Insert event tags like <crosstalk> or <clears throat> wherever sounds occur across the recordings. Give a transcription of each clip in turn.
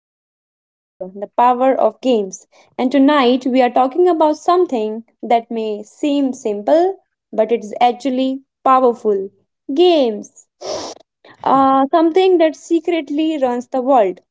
to Play Together the Power of Games. And tonight we are talking about something that may seem simple, but it is actually powerful games. Something that secretly runs the world.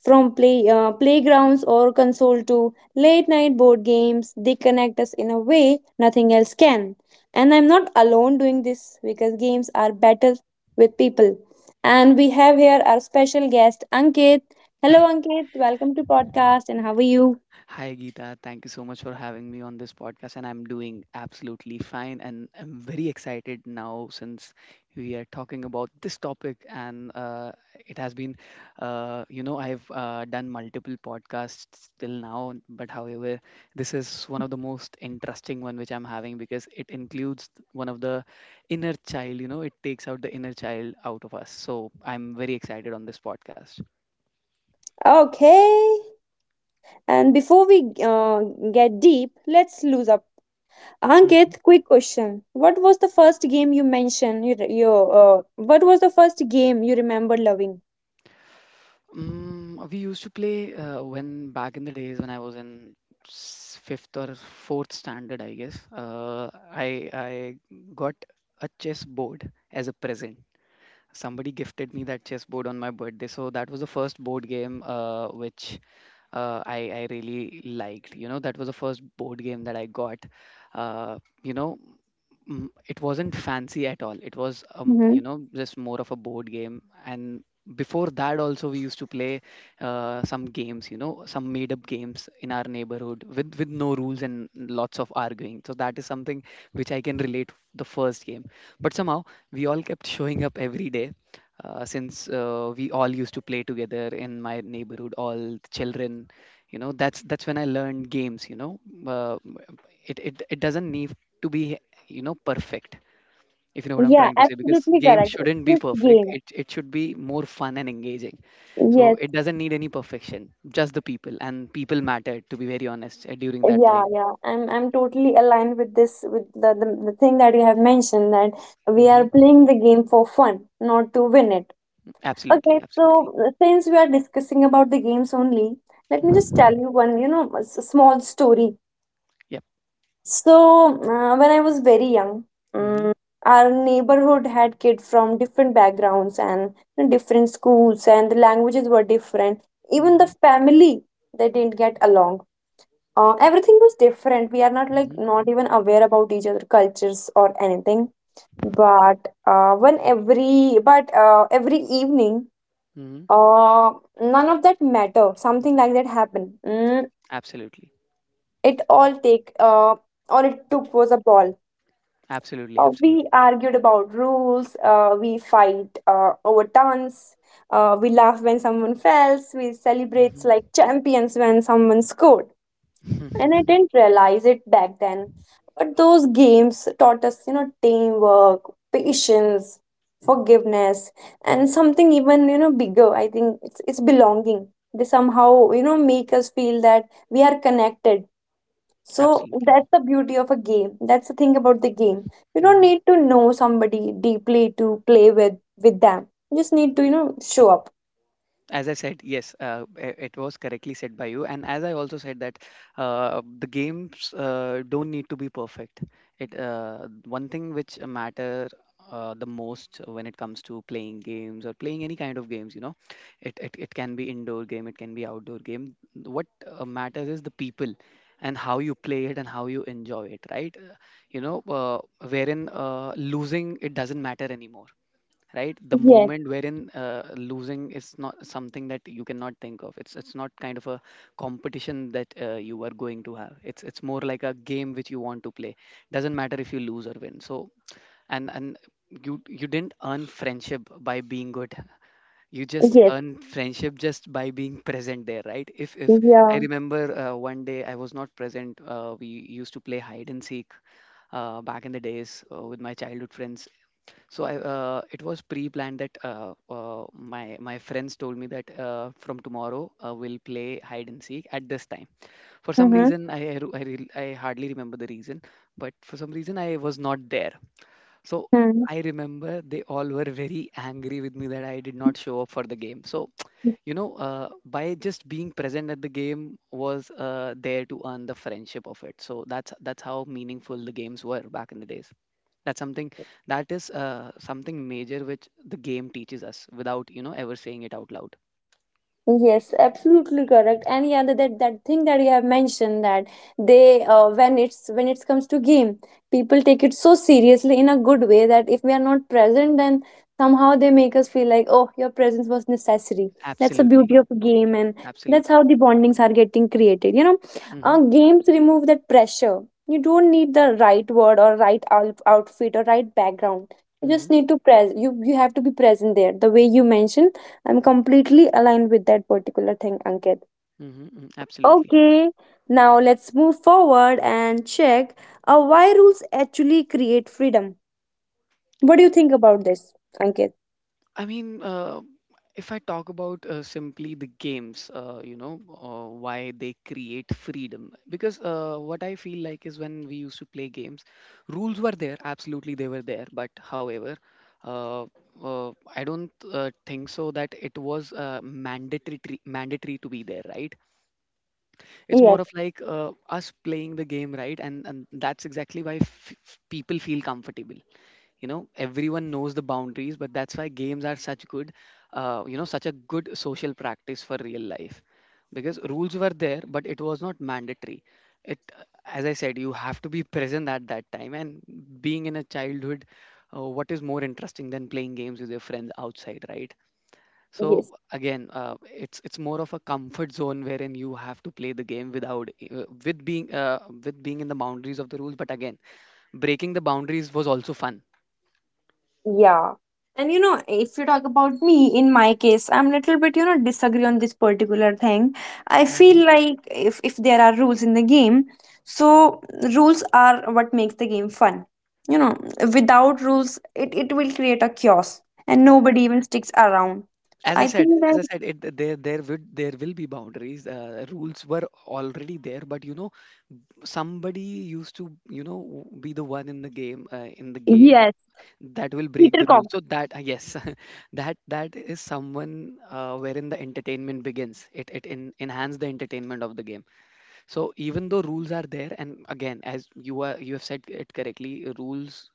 From playgrounds or console to late night board games, they connect us in a way nothing else can. And I'm not alone doing this because games are better with people. And we have here our special guest, Ankit. Hello, Ankit. Welcome to podcast. And how are you? Hi, Geeta. Thank you so much for having me on this podcast. And I'm doing absolutely fine. And I'm very excited now since we are talking about this topic. And it has been, I've done multiple podcasts till now. But however, this is one of the most interesting one which I'm having because it includes one of the inner child. It takes out the inner child out of us. So I'm very excited on this podcast. Okay. And before we get deep, let's lose up. Mm-hmm. Ankit, quick question. What was the first game you mentioned? What was the first game you remember loving? We used to play when back in the days when I was in fifth or fourth standard, I guess. I got a chess board as a present. Somebody gifted me that chess board on my birthday, so that was the first board game which I really liked. You know, that was the first board game that I got. Uh, you know it wasn't fancy at all. It was just more of a board game. And before that also we used to play some games, you know, some made up games in our neighborhood with no rules and lots of arguing. So that is something which I can relate the first game, but somehow we all kept showing up every day, since we all used to play together in my neighborhood, all the children. You know, that's when I learned games. You know, uh, it doesn't need to be, you know, perfect, if you know what I'm Yeah, trying to say, because absolutely games correct. It's shouldn't be this perfect. game. It should be more fun and engaging. So Yes, it doesn't need any perfection, just the people, and people matter, to be very honest, during that yeah, time. yeah. I'm totally aligned with this with the thing that you have mentioned that we Hmm. are playing the game for fun, not to win it. Absolutely, Okay, absolutely. so since we are discussing about the games only, let me just Hmm. tell you one, you know, a small story. Yep. So, when I was very young, Hmm. mm, our neighborhood had kids from different backgrounds and different schools, and the languages were different. Even the Hmm. family, they didn't get along. Everything was different. We are not like Hmm. not even aware about each other cultures or anything. But when every but every evening, Hmm. uh, none of that matter. Something like that happened. Absolutely, It all take all it took was a ball. absolutely, absolutely. We argued about rules, we fight over turns, we laugh when someone fails, we celebrate Hmm. like champions when someone scored. And I <laughs> didn't realize it back then. But those games taught us, you know, teamwork, patience, forgiveness, and something even, you know, bigger. I think it's belonging. They somehow, you know, make us feel that we are connected, so Absolutely. that's the beauty of a game. That's the thing about the game. You don't Mm-hmm. need to know somebody deeply to play with them. You just need to, you know, show up. As I said, yes, it was correctly said by you, and as I also said that, the games don't need to be perfect. It, one thing which matter the most when it comes to playing games or playing any kind of games, you know, it can be indoor game, it can be outdoor game. What matters is the people, and how you play it and how you enjoy it, right? You know uh, Wherein losing it doesn't matter anymore, right? The Yes. moment wherein losing is not something that you cannot think of. It's not kind of a competition that you are going to have. It's more like a game which you want to play. Doesn't matter if you lose or win. So and you you didn't earn friendship by being good. You just Yes. earn friendship just by being present there, right? If I Yeah. remember, one day I was not present. We used to play hide and seek, back in the days, with my childhood friends. So I, it was pre-planned that, my friends told me that, from tomorrow we'll play hide and seek at this time. For some reason, I ru- I re- I hardly remember the reason, but for some reason I was not there. So Mm-hmm. I remember they all were very angry with me that I did not show up for the game. So, you know, by just being present at the game was there to earn the friendship of it. So that's how meaningful the games were back in the days. That's something, that is something major which the game teaches us without, you know, ever saying it out loud. Yes, absolutely correct. And yeah, that thing that you have mentioned that they when it comes to game, people take it so seriously in a good way that if we are not present, then somehow they make us feel like, oh, your presence was necessary. That's the Absolutely, beauty of a game, and that's absolutely. how the bondings are getting created. You know, Mm-hmm, games remove that pressure. You don't need the right word or right outfit or right background. You mm-hmm, mm-hmm. just need to pres. You have to be present there. The way you mentioned, I'm completely aligned with that particular thing, Ankit. Mm-hmm. Absolutely. Okay, now let's move forward and check why rules actually create freedom. What do you think about this, Ankit? I mean, if I talk about simply the games, why they create freedom. Because what I feel like is when we used to play games, rules were there, absolutely they were there. But however, uh, I don't think so that it was mandatory to be there, right? It's more Yes, of like us playing the game, right? And that's exactly why people feel comfortable. You know, everyone knows the boundaries, but that's why games are such good, you know, such a good social practice for real life. Because rules were there but it was not mandatory. It, as I said, you have to be <laughs> present at that time. And being in a childhood, what is more interesting than playing games with your friends outside, right? So yes. again, it's more of a comfort zone wherein you have to play the game without with being in the boundaries of the rules. But again, breaking the boundaries was also fun. Yeah. And you know, if you talk about me, in my case, I'm little bit, you know, disagree on this particular thing. I Hmm. feel like if there are rules in the game, so rules are what makes the game fun. You know, without rules, it will create a chaos and nobody even sticks around. So I think As that I said, it there would, there will be boundaries. Rules were already there, but you know, somebody used to, you know, be the one in the game, in the game, yes, that will break Peter the rule. Cock. So that, yes. <laughs> That that is someone wherein the entertainment begins. It in, enhance the entertainment of the game. So even though rules are there, and again, as you are, you have said it correctly, rules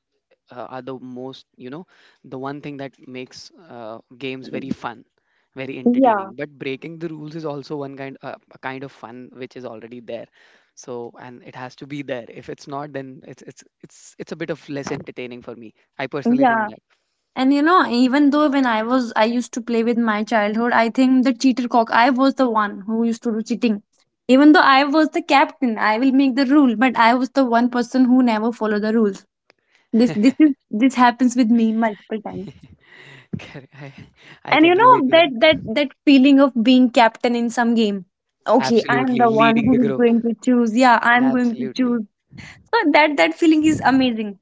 are the most, you know, the one thing that makes games very fun, very Yeah. entertaining. But breaking the rules is also one kind, a kind of fun which is already there. So and it has to be there. If it's not, then it's a bit of less entertaining for me. I personally Yeah. think that. And you know, even though when I was, I used to play with my childhood, I think the cheater cock, I was the one who used to do cheating. Even though I was the captain, I will make the rule, but I was the one person who never follow the rules. This happens with me multiple times. <laughs> Correct. I And you can relate know to that that. Feeling of being captain in some game. Okay, I am Absolutely, the one leading the who is group. going to choose. Yeah, I am going to Absolutely, choose. So that feeling is amazing.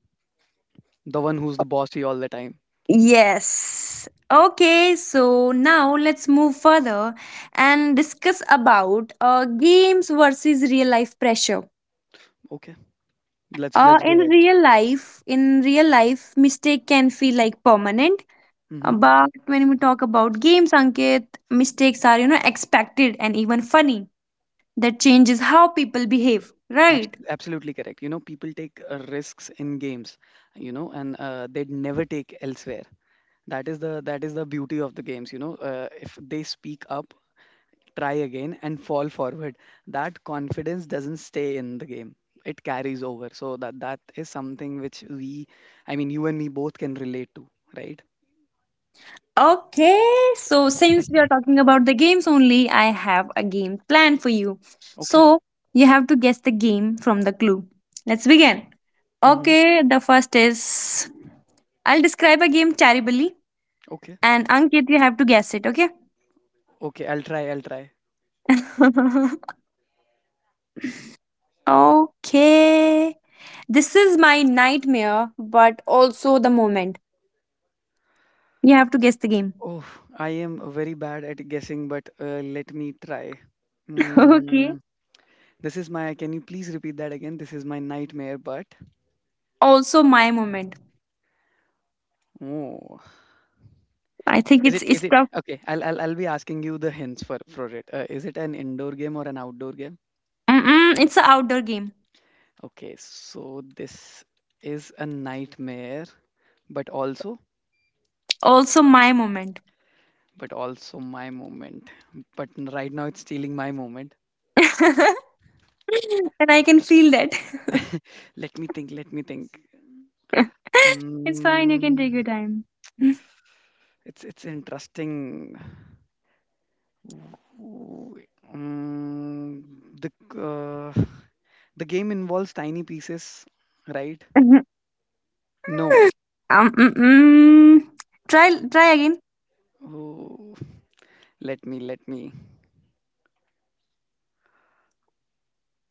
the one who's the bossy all the time. Yes. Okay, so now let's move further and discuss about games versus real life pressure. Okay. Let's let's go ahead. In real life, mistake can feel like permanent. Hmm. But when we talk about games, Ankit, mistakes are, you know, expected and even funny. That changes how people behave, right? Absolutely correct. You know, people take risks in games, you know, and they'd never take elsewhere. That is the, that is the beauty of the games. You know, if they speak up, try again, and fall forward, that confidence doesn't stay in the game. It carries over. So that, that is something which we, I mean, you and me both can relate to, right? Okay, so since we are talking about the games only, I have a game planned for you. Okay. So you have to guess the game from the clue. Let's begin. Hmm. Okay, the first is, I'll describe a game terribly, Okay. and Ankit, you have to guess it, okay? Okay. I'll try, I'll try. <laughs> Okay, this is my nightmare, but also the moment. You have to guess the game. Oh, I am very bad at guessing, but let me try. <laughs> Okay. Mm, this is my, can you please repeat that again? This is my nightmare, but, Also, my moment. oh, I think it's is it, tough. okay, I'll be asking you the hints for it. Is it an indoor game or an outdoor game? Mm-mm, it's an outdoor game. Okay, so this is a nightmare, but also, Also, my moment. but also my moment. But right now it's stealing my moment. <laughs> And I can feel that. Let me think, let me think. <laughs> It's fine. You can take Mm, your time. <laughs> it's interesting. Ooh, mm, the uh, <laughs> the game involves tiny pieces, right? Mhm. No. um, mm, mm. Try again. Ooh, let me let me.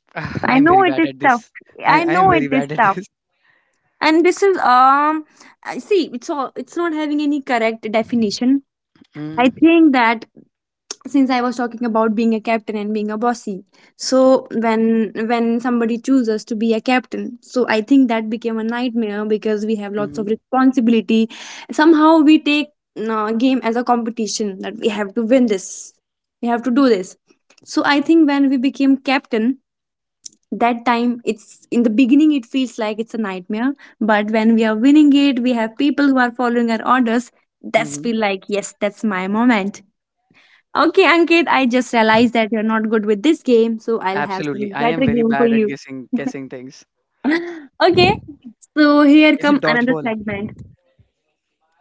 <laughs> Ah, I I'm know very it bad is at tough. this. I I I am know it very is bad at tough. this. And this is I see. It's all. It's not having any correct definition. I Mm. think that since I was talking about being a captain and being a bossy, so when somebody chooses to be a captain, so I think that became a nightmare because we have lots of Hmm. responsibility. Somehow we take game as a competition, that we have to win this, we have to do this. So I think when we became captain, that time, it's in the beginning it feels like it's a nightmare. But when we are winning it, we have people who are following our orders, that's Hmm. feel like, yes, that's my moment. Okay, Ankit, I just realized that you're not good with this game, so I'll have Absolutely, some I better am very game for bad at you. Guessing things. <laughs> Okay, so here Is it come another dodgeball? segment.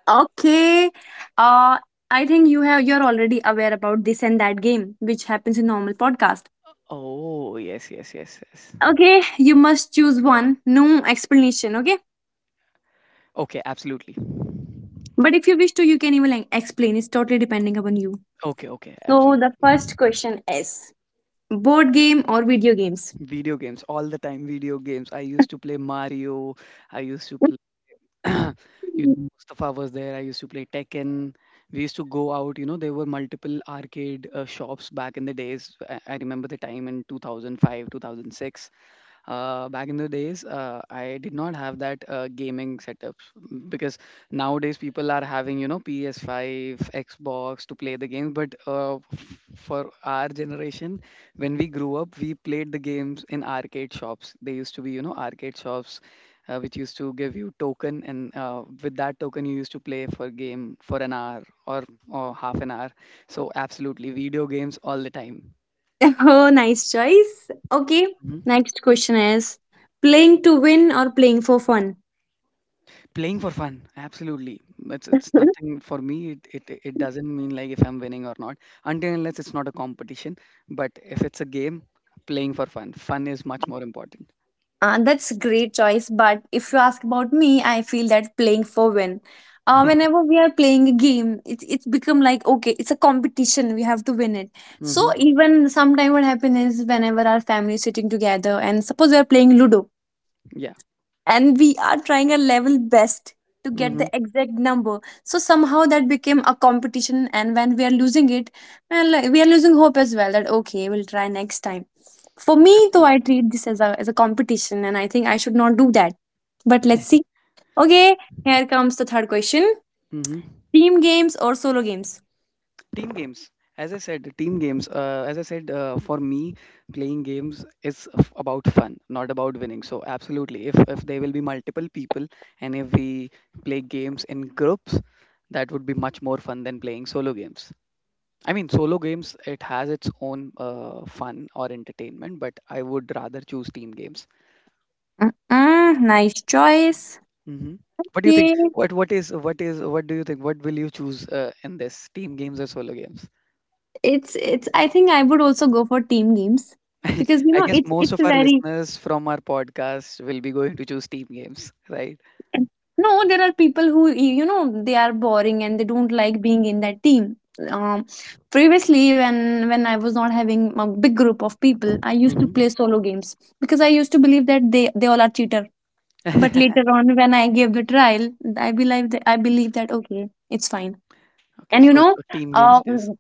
Okay, uh, I think you have you're already aware about this and that game, which happens in normal podcast. Oh, yes, yes, yes, yes. Okay, you must choose one. No explanation. Okay, Okay, absolutely. but if you wish to, you can even like, explain. It's totally depending upon you. Okay, okay, So absolutely. the first question is: board game or video games? Video games all the time. Video games. I used to play Mario. I used to play. <clears throat> You <laughs> know, Mustafa was there. I used to play Tekken. We used to go out. You know, there were multiple arcade shops back in the days. I remember the time in 2005, 2006, back in the days. I did not have that gaming setup, because nowadays people are having, you know, PS5, xbox, to play the games. But for our generation, when we grew up, we played the games in arcade shops. They used to be, you know, arcade shops, which used to give you token, and with that token you used to play for game for an hour, or half an hour. So absolutely, video games all the time. Oh, nice choice. Okay, Mm-hmm. next question is, playing to win or playing for fun? Playing for fun, absolutely. It's nothing for me. It, it doesn't mean like if I'm winning or not, until unless it's not a competition. But if it's a game, playing for fun, fun is much more important. That's great choice. But if you ask about me, I feel that playing for win. Whenever we are playing a game, it's become like, okay, it's a competition. We have to win it. So Mm-hmm. even sometime what happens is whenever our family is sitting together, and suppose we are playing Ludo, Yeah. and we are trying our level best to get Mm-hmm. the exact number, so somehow that became a competition. And when we are losing it, well, like, we are losing hope as well, that okay, we'll try next time. For me though, I Absolutely. treat this as a competition, and I think I should not do that, but let's see. Okay, here comes the third question, Mm-hmm. team games or solo games? Team games. As I said, team games. As I said, for me, playing games is about fun, not about winning. So absolutely, if there will be multiple people, and if we play games in groups, that would be much more fun than playing solo games. I mean, solo games, it has its own fun or entertainment, but I would rather choose team games. Mm-mm, nice choice. Hmm. What do you think? Yeah, What do you think? What will you choose in this, team games or solo games? It's I think I would also go for team games <laughs> because you I know guess most it's of our very. listeners from our podcast will be going to choose team games, right? No, there are people who, you know, they are boring and they don't like being in that team. Um, previously, when I was not having a big group of people, I used to Hmm. play solo games because I used to believe that they all are cheater. But <laughs> later on, when I gave the trial, I believe that I believe that, okay, it's fine. Okay, and you so know so team games it is. um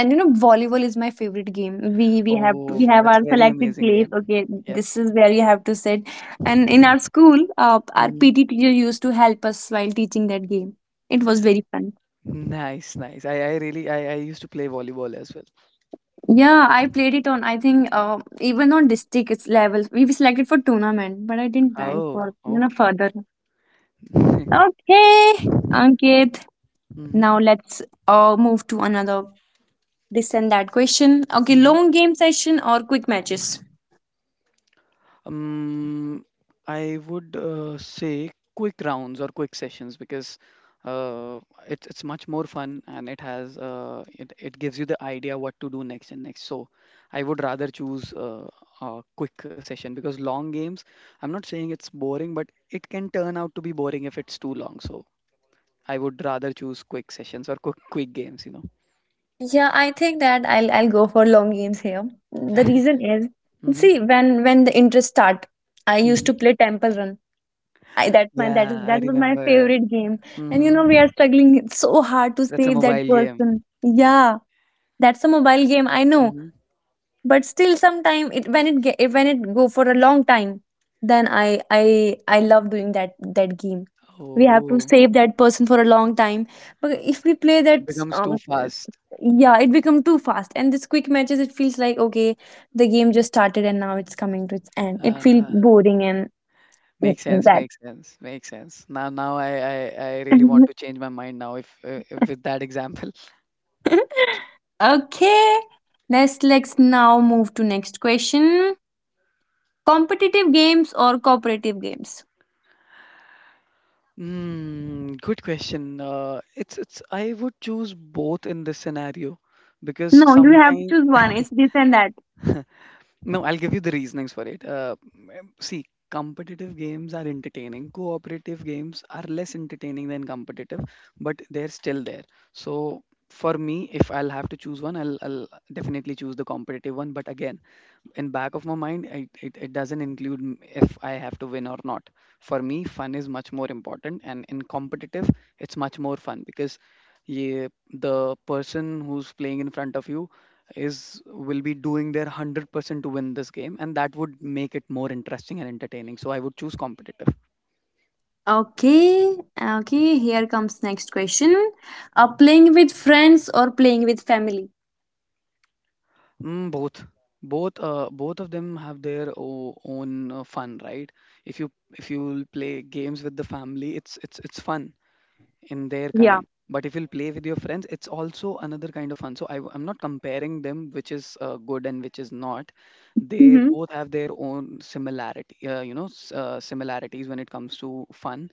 and you know, volleyball is my favorite game. we we have we Oh, have our that's a very selected amazing place, game. okay, Yep. this is where you have to sit. And in our school, our Hmm. PT teacher used to help us while teaching that game. It was very fun. Nice, nice. I really I used to play volleyball as well. Yeah, I played it on, I think, even on district it's level, we were selected for tournament, but I didn't went for, Oh, you know, okay. further. Okay, <laughs> Ankit, Mhm, now let's move to another this and that question. Okay, mhm. long game session or quick matches? Um, I would say quick rounds or quick sessions because uh, it's much more fun and it has it gives you the idea what to do next and next. So I would rather choose a quick session because long games. I'm not saying it's boring, but it can turn out to be boring if it's too long. So I would rather choose quick sessions or quick games. You know. Yeah, I think that I'll go for long games here. The reason is, <laughs> Hmm. see, when the interest start, I Hmm. used to play Temple Run. I that's my that is Yeah, I that was my remember. favorite game. And you Hmm. know, we are struggling so hard to That's a save that mobile game. person. Yeah, that's a mobile game. I know, Mhm. but still sometime it when it get when it go for a long time, then I love doing that game. We have to Oh, save that person for a long time. But if we play it that, becomes too um, fast. yeah, it become too fast, and this quick matches, it feels like, okay, the game just started and now it's coming to its end, it feels Uh, boring and Makes sense, makes sense, makes sense. Now, now I really want that. to <laughs> change my mind now if with that example. <laughs> Okay, let's now move to next question, competitive games or cooperative games? Mm, good question. I would choose both in this scenario because No, you have to sometimes. choose one. <laughs> It's this and that. No, I'll give you the reasonings for it. See, competitive games are entertaining. Cooperative games are less entertaining than competitive, but they're still there. So for me, if I'll have to choose one, I'll definitely choose the competitive one. But again, in back of my mind it doesn't include if I have to win or not. For me, fun is much more important, and in competitive, it's much more fun because yeah, the person who's playing in front of you is will be doing their 100% to win this game, and that would make it more interesting and entertaining. So I would choose competitive. Okay, okay, here comes next question. Playing with friends or playing with family? Mm, both, both, both of them have their own fun, right? If you if you play games with the family, it's it's fun in their Yeah. kind. But if you'll play with your friends, it's also another kind of fun. So I am not comparing them which is good and which is not. They Mm-hmm. both have their own similarity, you know, similarities when it comes to fun.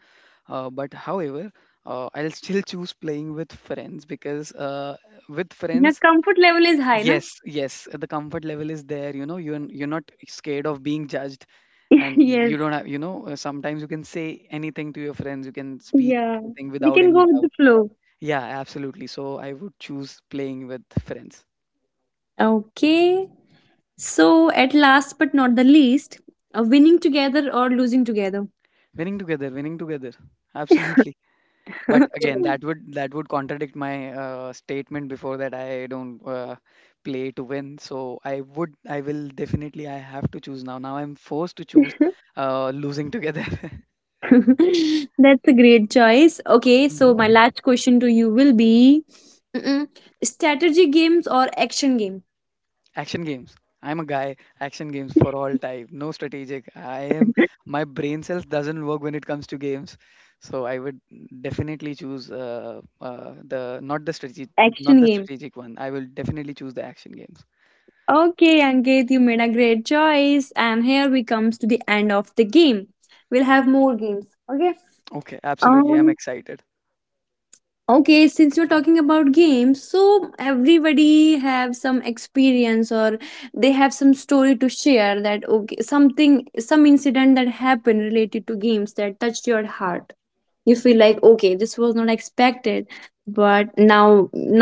But however, I'll <laughs> still choose playing with friends because with Your friends, comfort level is high, na? yes, yes, the comfort level is there, you know, you're not scared of being judged, <laughs> and Yes. you don't have, you know, sometimes you can say anything to your friends. You can speak Yeah. anything We without can any go with the doubt. flow. Yeah, absolutely. So I would choose playing with friends. Okay. So, at last but not the least, winning together or losing together? Winning together, winning together. Absolutely. But again, <laughs> that would contradict my statement before that I don't play to win. So I would, I will definitely, I have to choose now. Now I'm forced to choose <laughs> losing together. <laughs> <laughs> That's a great choice. Okay, so my Mhm. last question to you will be mm-mm, strategy games or action game? Action games. I'm a guy, action games for all time. No strategic. I am, <laughs> my brain cells doesn't work when it comes to games, so I would definitely choose the, not the strategic, not Action the game. strategic one. I will definitely choose the action games. Okay, Ankit, you made a great choice. And here we comes to the end of the game. We'll have more games. Okay. Okay, absolutely, I'm Um excited. okay, since you're talking about games, so everybody have some experience or they have some story to share that okay something some incident that happened related to games that touched your heart. You feel like okay this was not expected but now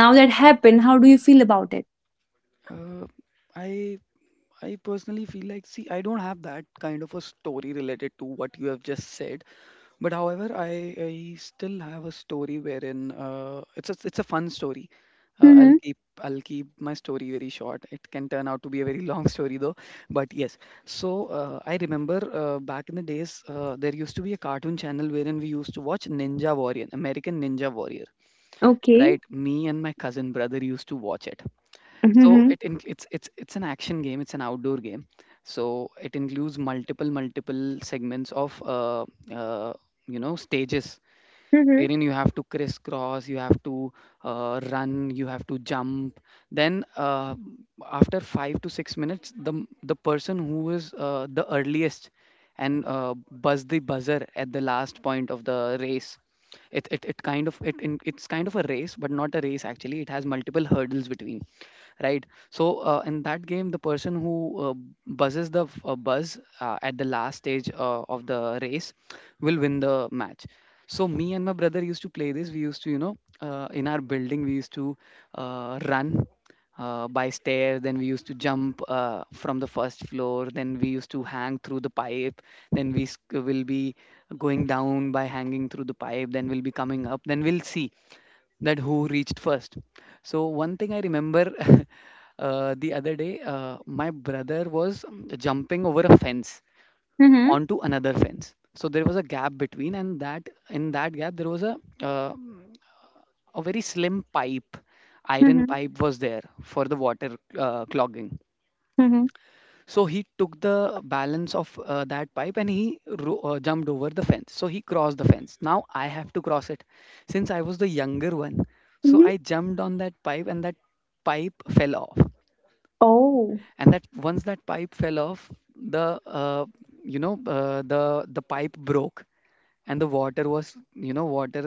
now that happened, how do you feel about it? uh, i I personally feel like, see, I don't have that kind of a story related to what you have just said. But however, I still have a story wherein it's a fun story. Uh, I'll Mm-hmm. keep I'll keep my story very short. It can turn out to be a very <laughs> long story though. But yes, so I remember back in the days there used to be a cartoon channel wherein we used to watch Ninja Warrior, American Ninja Warrior, Okay. right? Me and my cousin brother used to watch it. So Mm-hmm. it's it's an action game. It's an outdoor game. So it includes multiple segments of uh, you know, stages Mm-hmm. wherein you have to crisscross, you have to run, you have to jump. Then after 5 to 6 minutes, the person who is the earliest and buzz the buzzer at the last point of the race. It's kind of a race but not a race, actually. It has multiple hurdles between, right? So in that game, the person who buzzes the f- buzz at the last stage of the race will win the match. So me and my brother used to play this. We used to, you know, in our building, we used to run by stairs. Then we used to jump from the first floor. Then we used to hang through the pipe. Then will be going down by hanging through the pipe. Then we'll be coming up. Then we'll see that who reached first. So one thing I remember, <laughs> the other day, my brother was jumping over a fence Mm-hmm. onto another fence. So there was a gap between, and that in that gap there was uh, a very slim pipe, iron pipe was there for the water clogging. Mm-hmm. So he took the balance of that pipe and he jumped over the fence. So he crossed the fence. Now I have to cross it, since I was the younger one. So Mm-hmm. I jumped on that pipe, and that pipe fell off. Oh. And that, once that pipe fell off, the you know, the pipe broke, and the water was, you know, water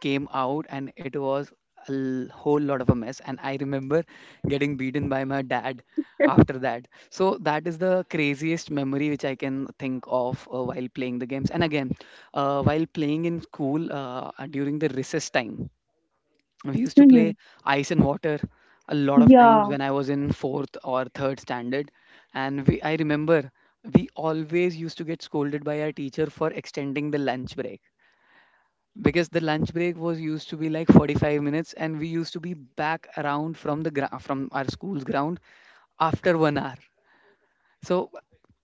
came out, and it was whole lot of a mess. And I remember getting beaten by my dad <laughs> after that. So that is the craziest memory which I can think of while playing the games. And again, while playing in school during the recess time, we used to Mm-hmm. play ice and water a lot of times Yeah. when I was in fourth or third standard. And we I remember we always used to get scolded by our teacher for extending the lunch break, because the lunch break was used to be like 45 minutes and we used to be back around from from our school's ground after 1 hour. So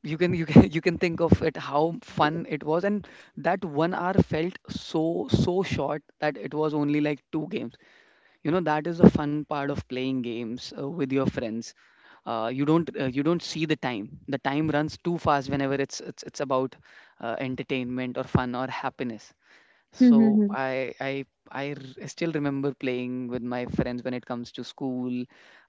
you can, you can, <laughs> you can think of it how fun it was. And that 1 hour felt so, so short that it was only like two games. You know, that is the fun part of playing games with your friends. Uh, you don't see the time. The time runs too fast whenever it's about entertainment or fun or happiness. So Hmm. I still remember playing with my friends when it comes to school,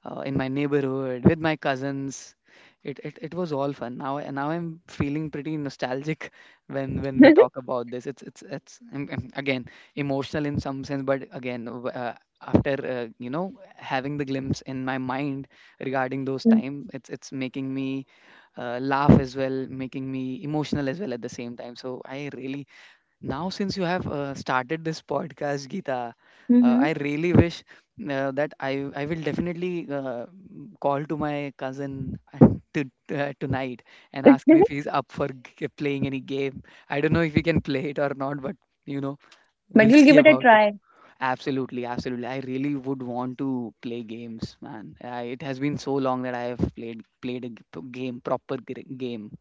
in my neighborhood, with my cousins. It was all fun. Now, and now I'm feeling pretty nostalgic <laughs> when we talk about this. It's again emotional in some sense, but again after you know, having the glimpse in my mind regarding those Hmm. time, it's making me laugh as well, making me emotional as well at the same time. So I really now, since you have started this podcast, Geeta, Hmm. <laughs> I really wish that I will definitely call to my cousin <laughs> and to, tonight, and ask him if he's <laughs> up for playing any game. I don't know if he can play it or not, but you know, But we'll you'll see give it a about it. try. Absolutely, absolutely. I really would want to play games, man. I, it has been so long that I have played a game, proper game.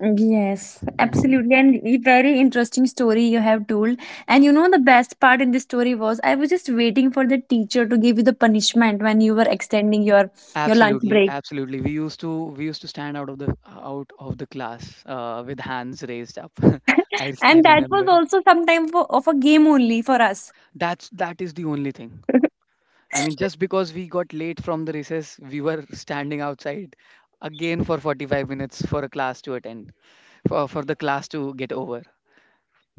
Yes, absolutely. And a very interesting story you have told. And you know, the best part in this story was I was just waiting for the teacher to give you the punishment when you were extending your lunch Absolutely, break. absolutely. We used to stand out of the class with hands raised up. <laughs> I And that remember was it. also sometime for, of a game only for us. That is the only thing. <laughs> I mean, just because we got late from the recess, we were standing outside again for 45 minutes for a class to attend, for the class to get over.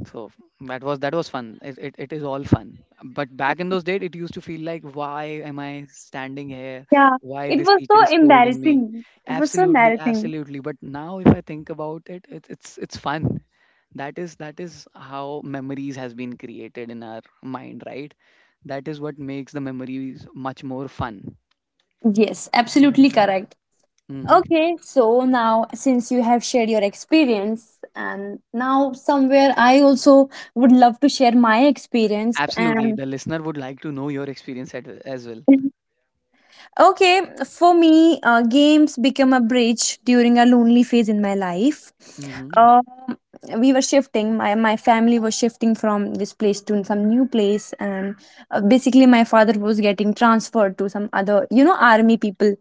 So that was fun. It is all fun. But back in those days, it used to feel like, why am I standing here? Yeah, Why it this was teacher so is scolding me? embarrassing. It was so Absolutely, embarrassing. absolutely. But now, if I think about it, it's it's fun. That is how memories has been created in our mind, right? That is what makes the memories much more fun. Yes, absolutely correct. Hmm. Okay, so now since you have shared your experience, and now somewhere I also would love to share my experience. Absolutely. And The listener would like to know your experience at, as well. <laughs> okay, for me, games become a bridge during a lonely phase in my life. Hmm. Um, we were shifting, my family was shifting from this place to some new place, and basically, my father was getting transferred to some other, you know, army people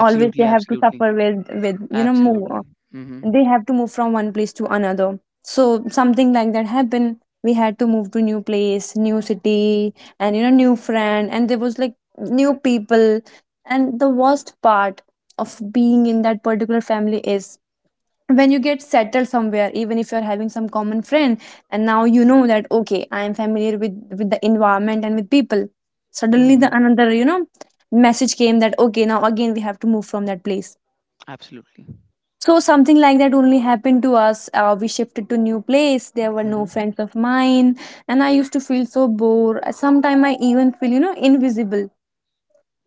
always they have to absolutely, suffer with you know move. absolutely. Hmm. They have to move from one place to another, so something like that happened. We had to move to new place, new city, and you know, new friend, and there was like new people. And the worst part of being in that particular family is when you get settled somewhere, even if you're having some common friend, and now you know that okay I am familiar with the environment and with people, suddenly the Mhm. another you know message came that okay now again we have to move from that place. Absolutely. So something like that only happened to us. We shifted to new place. There were no Mm-hmm. friends of mine, and I used to feel so bored. Sometimes I even feel you know invisible.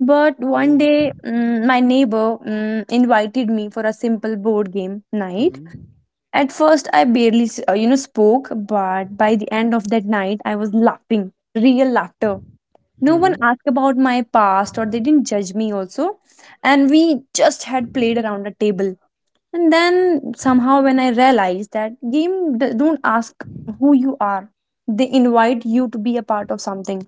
But one Oh. day, mm, my neighbor mm, invited me for a simple board game night. Mm-hmm. At first, I barely you know spoke, but by the end of that night, I was laughing, real laughter. No one Mm-hmm. asked about my past, or they didn't judge me also, and we just had played around a table, and then somehow, when I realized that game don't ask who you are, they invite you to be a part of something.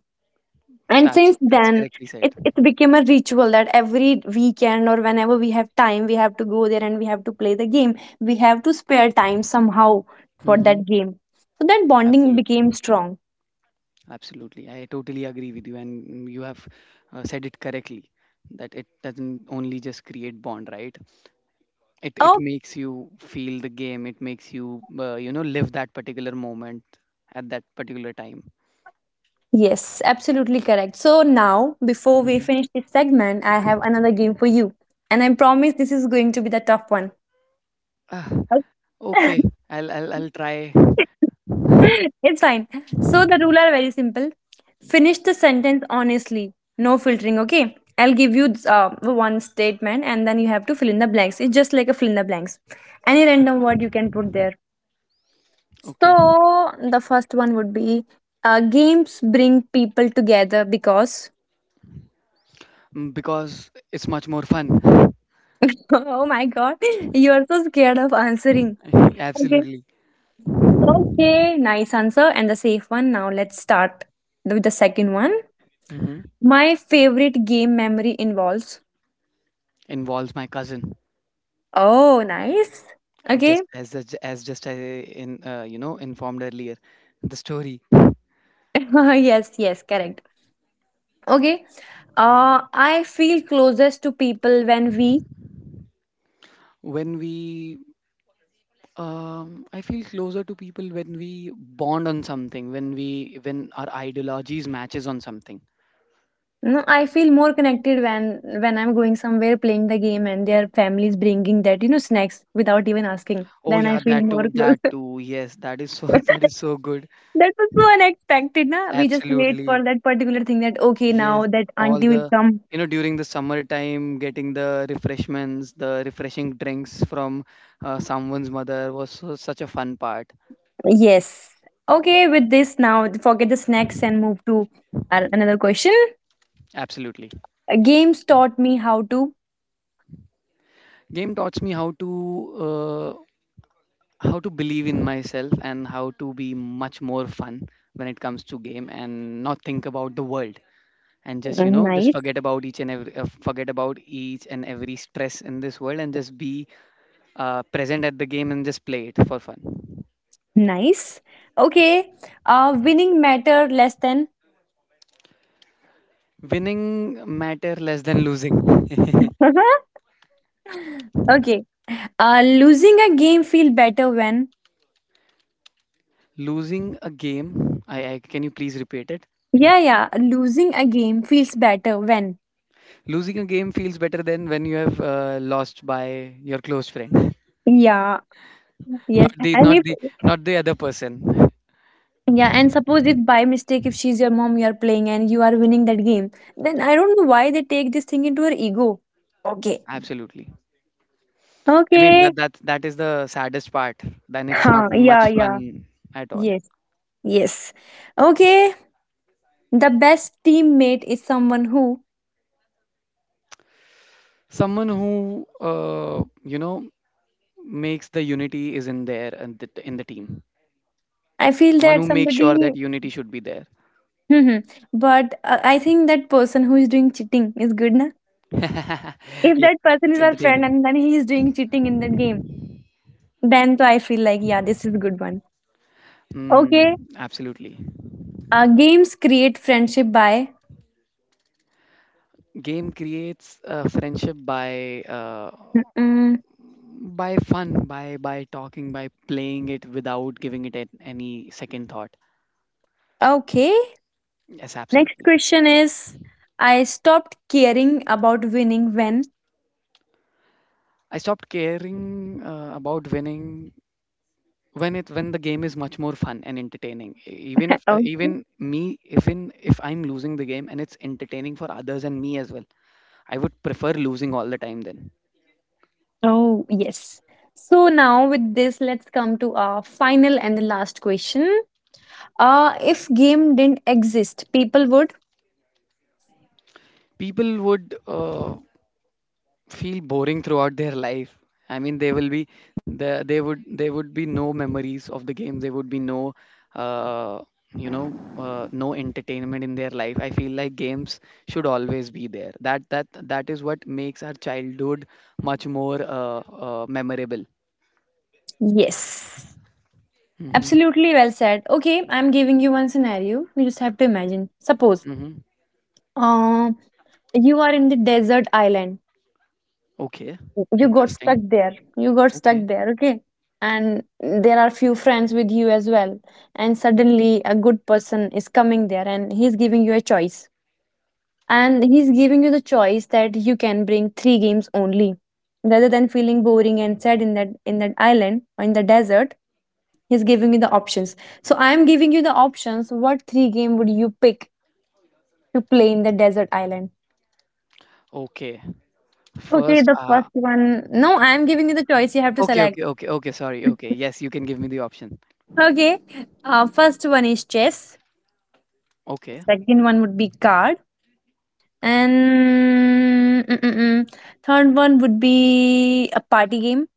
And That's since that's then, correctly said. it became a ritual that every weekend or whenever we have time, we have to go there and we have to play the game. We have to spare time somehow for Mm-hmm. that game. So that bonding became Absolutely. strong. Absolutely. I totally agree with you, and you have said it correctly that it doesn't only just create bond, right? It Oh, makes you feel the game. It makes you, you know, live that particular moment at that particular time. yes, absolutely correct. So now, before we Mm-hmm. finish this segment, I have another game for you. And I promise this is going to be the tough one. Ah, Okay. okay, I'll I'll try. <laughs> <laughs> It's fine. So the rule are very simple. Finish the sentence honestly. No filtering, okay? I'll give you one statement and then you have to fill in the blanks. It's just like a fill in the blanks. Any random word Okay. you can put there. Okay. So the first one would be games bring people together because. Mm, because it's much more fun. <laughs> Oh my god, you're so scared of answering. <laughs> Okay. Absolutely. Okay, nice answer. And the safe one. Now let's start with the second one. Mm-hmm. My favorite game memory involves. Involves my cousin, Oh, nice. Just Okay. as the- as just I, in, informed earlier the story <laughs> Yes, yes, correct. Okay. I feel closest to people when we. when we, I feel closer to people when we bond on something, when we when our ideologies matches on something. No, I feel more connected when I'm going somewhere playing the game and their families bringing that you know snacks without even asking. Oh Then I yeah, feel that more too, close. that <laughs> too, yes, that is so, <laughs> that is so That good, was so unexpected, na? We just wait absolutely, for that particular thing that okay yes, now that all auntie will the, come. you know, during the summer time getting the refreshments, the refreshing drinks from someone's mother was so, such a fun part, Yes. Okay, with this now forget the snacks and move to another question. absolutely. Games taught me how to. Game taught me how to, uh, how to believe in myself and how to be much more fun when it comes to game and not think about the world, and just, you know, just Nice, forget about each and every, forget about each and every stress in this world and just be present at the game and just play it for fun. nice. Okay, winning matter less than. Winning matter less than losing. <laughs> Okay, losing a game feel better when. <laughs> losing a game, I can you please repeat it? Yeah, yeah. Losing a game feels better when. Losing a game feels better than when you have lost by your close friend. Yeah. Yes. Not the, And not if the, not the other person, yeah, and suppose if by mistake if she's your mom, you are playing and you are winning that game, then I don't know why they take this thing into her ego. Okay. absolutely. I mean Okay. that that is the saddest part, then it's not Huh. much Yeah. Yeah. fun at all. Yes. Yes. Okay. The best teammate is someone who Someone who, makes the unity is in there and in the team. I feel Someone that who makes sure somebody, that unity should be there. mhm, but I think that person who is doing cheating is good, na? <laughs> If yeah, that person it's is our friend entertaining. and then he is doing cheating in that game, then so I feel like yeah, this is good one. Okay, Mm, absolutely. Games create friendship by. Game creates a friendship by, Mm-mm. by fun, by talking, by playing it without giving it any second thought. Okay, Yes, next absolutely. question is, I stopped caring about winning when. I stopped caring about winning when it, when the game is much more fun and entertaining. Even if, <laughs> Okay. even me, even if I'm losing the game and it's entertaining for others and me as well, I would prefer losing all the time. Then Oh yes. So now with this, let's come to our final and the last question. If game didn't exist, people would. people would, feel boring throughout their life. I mean they will be, they would, there would be no memories of the game, there would be no, uh, you know no entertainment in their life. I feel like games should always be there. That that is what makes our childhood much more, memorable. Yes. Mm-hmm. Absolutely well said. Okay, I'm giving you one scenario. You just have to imagine. Suppose Mm-hmm. um you are in the desert island. Okay, You got stuck interesting. there. You got stuck Okay, there, okay? And there are few friends with you as well. And suddenly a good person is coming there and he's giving you a choice. And he's giving you the choice that you can bring three games only. Rather than feeling boring and sad in that island or in the desert, he's giving you the options. So I am giving you the options. What three game would you pick to play in the desert island? okay, Okay, first, the first one. No, I am giving you the choice. You have to okay, select. okay, okay, okay, sorry, <laughs> okay, yes, you can give me the option. Okay. First one is chess. Okay, Second one would be card. And mm, mm, mm, third one would be a party game.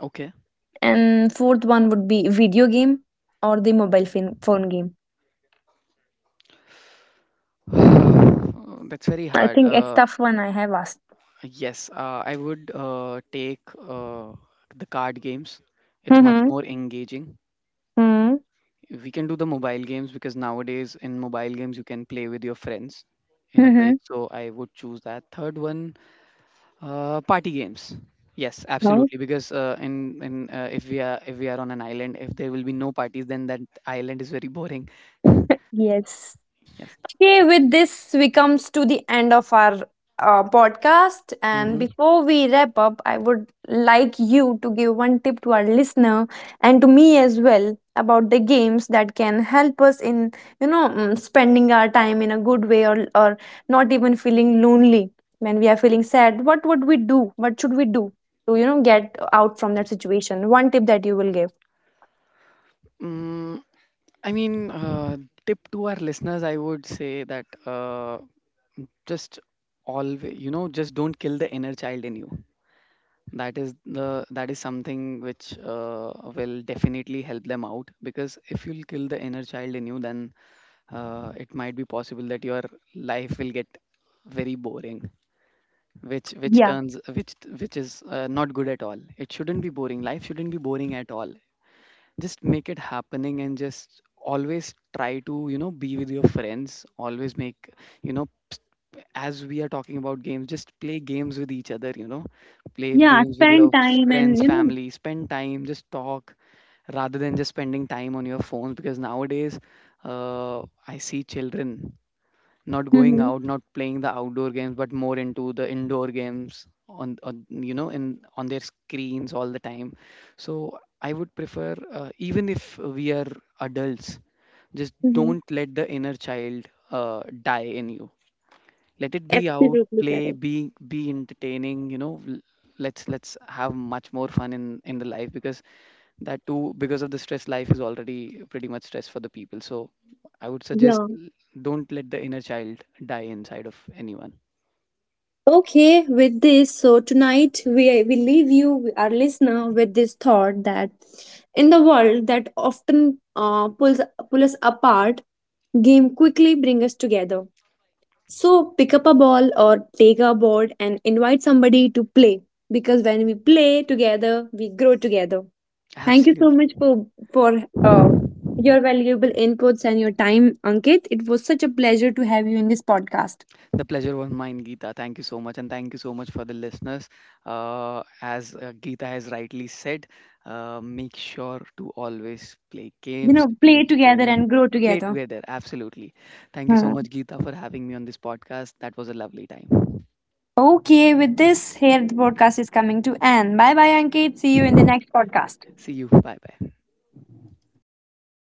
okay. And fourth one would be video game or the mobile phone game. <sighs> That's very I hard. think it's tough one I have asked. Yes, I would take the card games. It's much Mm-hmm. more engaging. Mm-hmm. We can do the mobile games because nowadays in mobile games you can play with your friends in a bridge. Mm-hmm. So I would choose that. Third one, party games. Yes, No. absolutely. Because in if we are, if we are on an island, if there will be no parties, then that island is very boring. <laughs> Yes. Yes. Okay, with this, we comes to the end of our podcast. And before we wrap up, I would like you to give one tip to our listener and to me as well about the games that can help us in you know mm, spending our time in a good way, or not even feeling lonely when we are feeling sad. What would we do? What should we do to you know get out from that situation? One tip that you will give. Mm-hmm. I mean, tip to our listeners, I would say that, just always, you know, just don't kill the inner child in you. That is the that is something which will definitely help them out, because if you'll kill the inner child in you, then it might be possible that your life will get very boring, which which Yeah, turns which which is, not good at all. It shouldn't be boring, life shouldn't be boring at all. Just make it happening and just always try to, you know, be with your friends, always make, you know, as we are talking about games, just play games with each other, you know, play yeah, games with your spend time and friends, you know, family, spend time, just talk, rather than just spending time on your phones. Because nowadays, uh, I see children not going mm-hmm, out, not playing the outdoor games, but more into the indoor games on, you know, in on their screens all the time. So I would prefer, even if we are adults, just mm-hmm, don't let the inner child die in you. Let it be out, absolutely play, correct. Be entertaining. You know, let's have much more fun in the life, because that too, because of the stress, life is already pretty much stress for the people. So I would suggest, Yeah. Don't let the inner child die inside of anyone. Okay, with this, so tonight we leave you, our listener, with this thought that in the world that often pull us apart, game quickly bring us together. So pick up a ball or take a board and invite somebody to play, because when we play together, we grow together. Thank you so Absolutely. much for your valuable inputs and your time, Ankit. It was such a pleasure to have you in this podcast. The pleasure was mine, Geeta, thank you so much, and thank you so much for the listeners. Uh, as, Geeta has rightly said, make sure to always play You games, to know, be play together entertaining. and grow Play together. together, absolutely. Thank you so Hmm. much, Geeta, for having me on this podcast. That was a lovely time. Okay, with this, here the podcast is coming to end. Bye bye, Ankit. See you in the next podcast. See you, bye bye.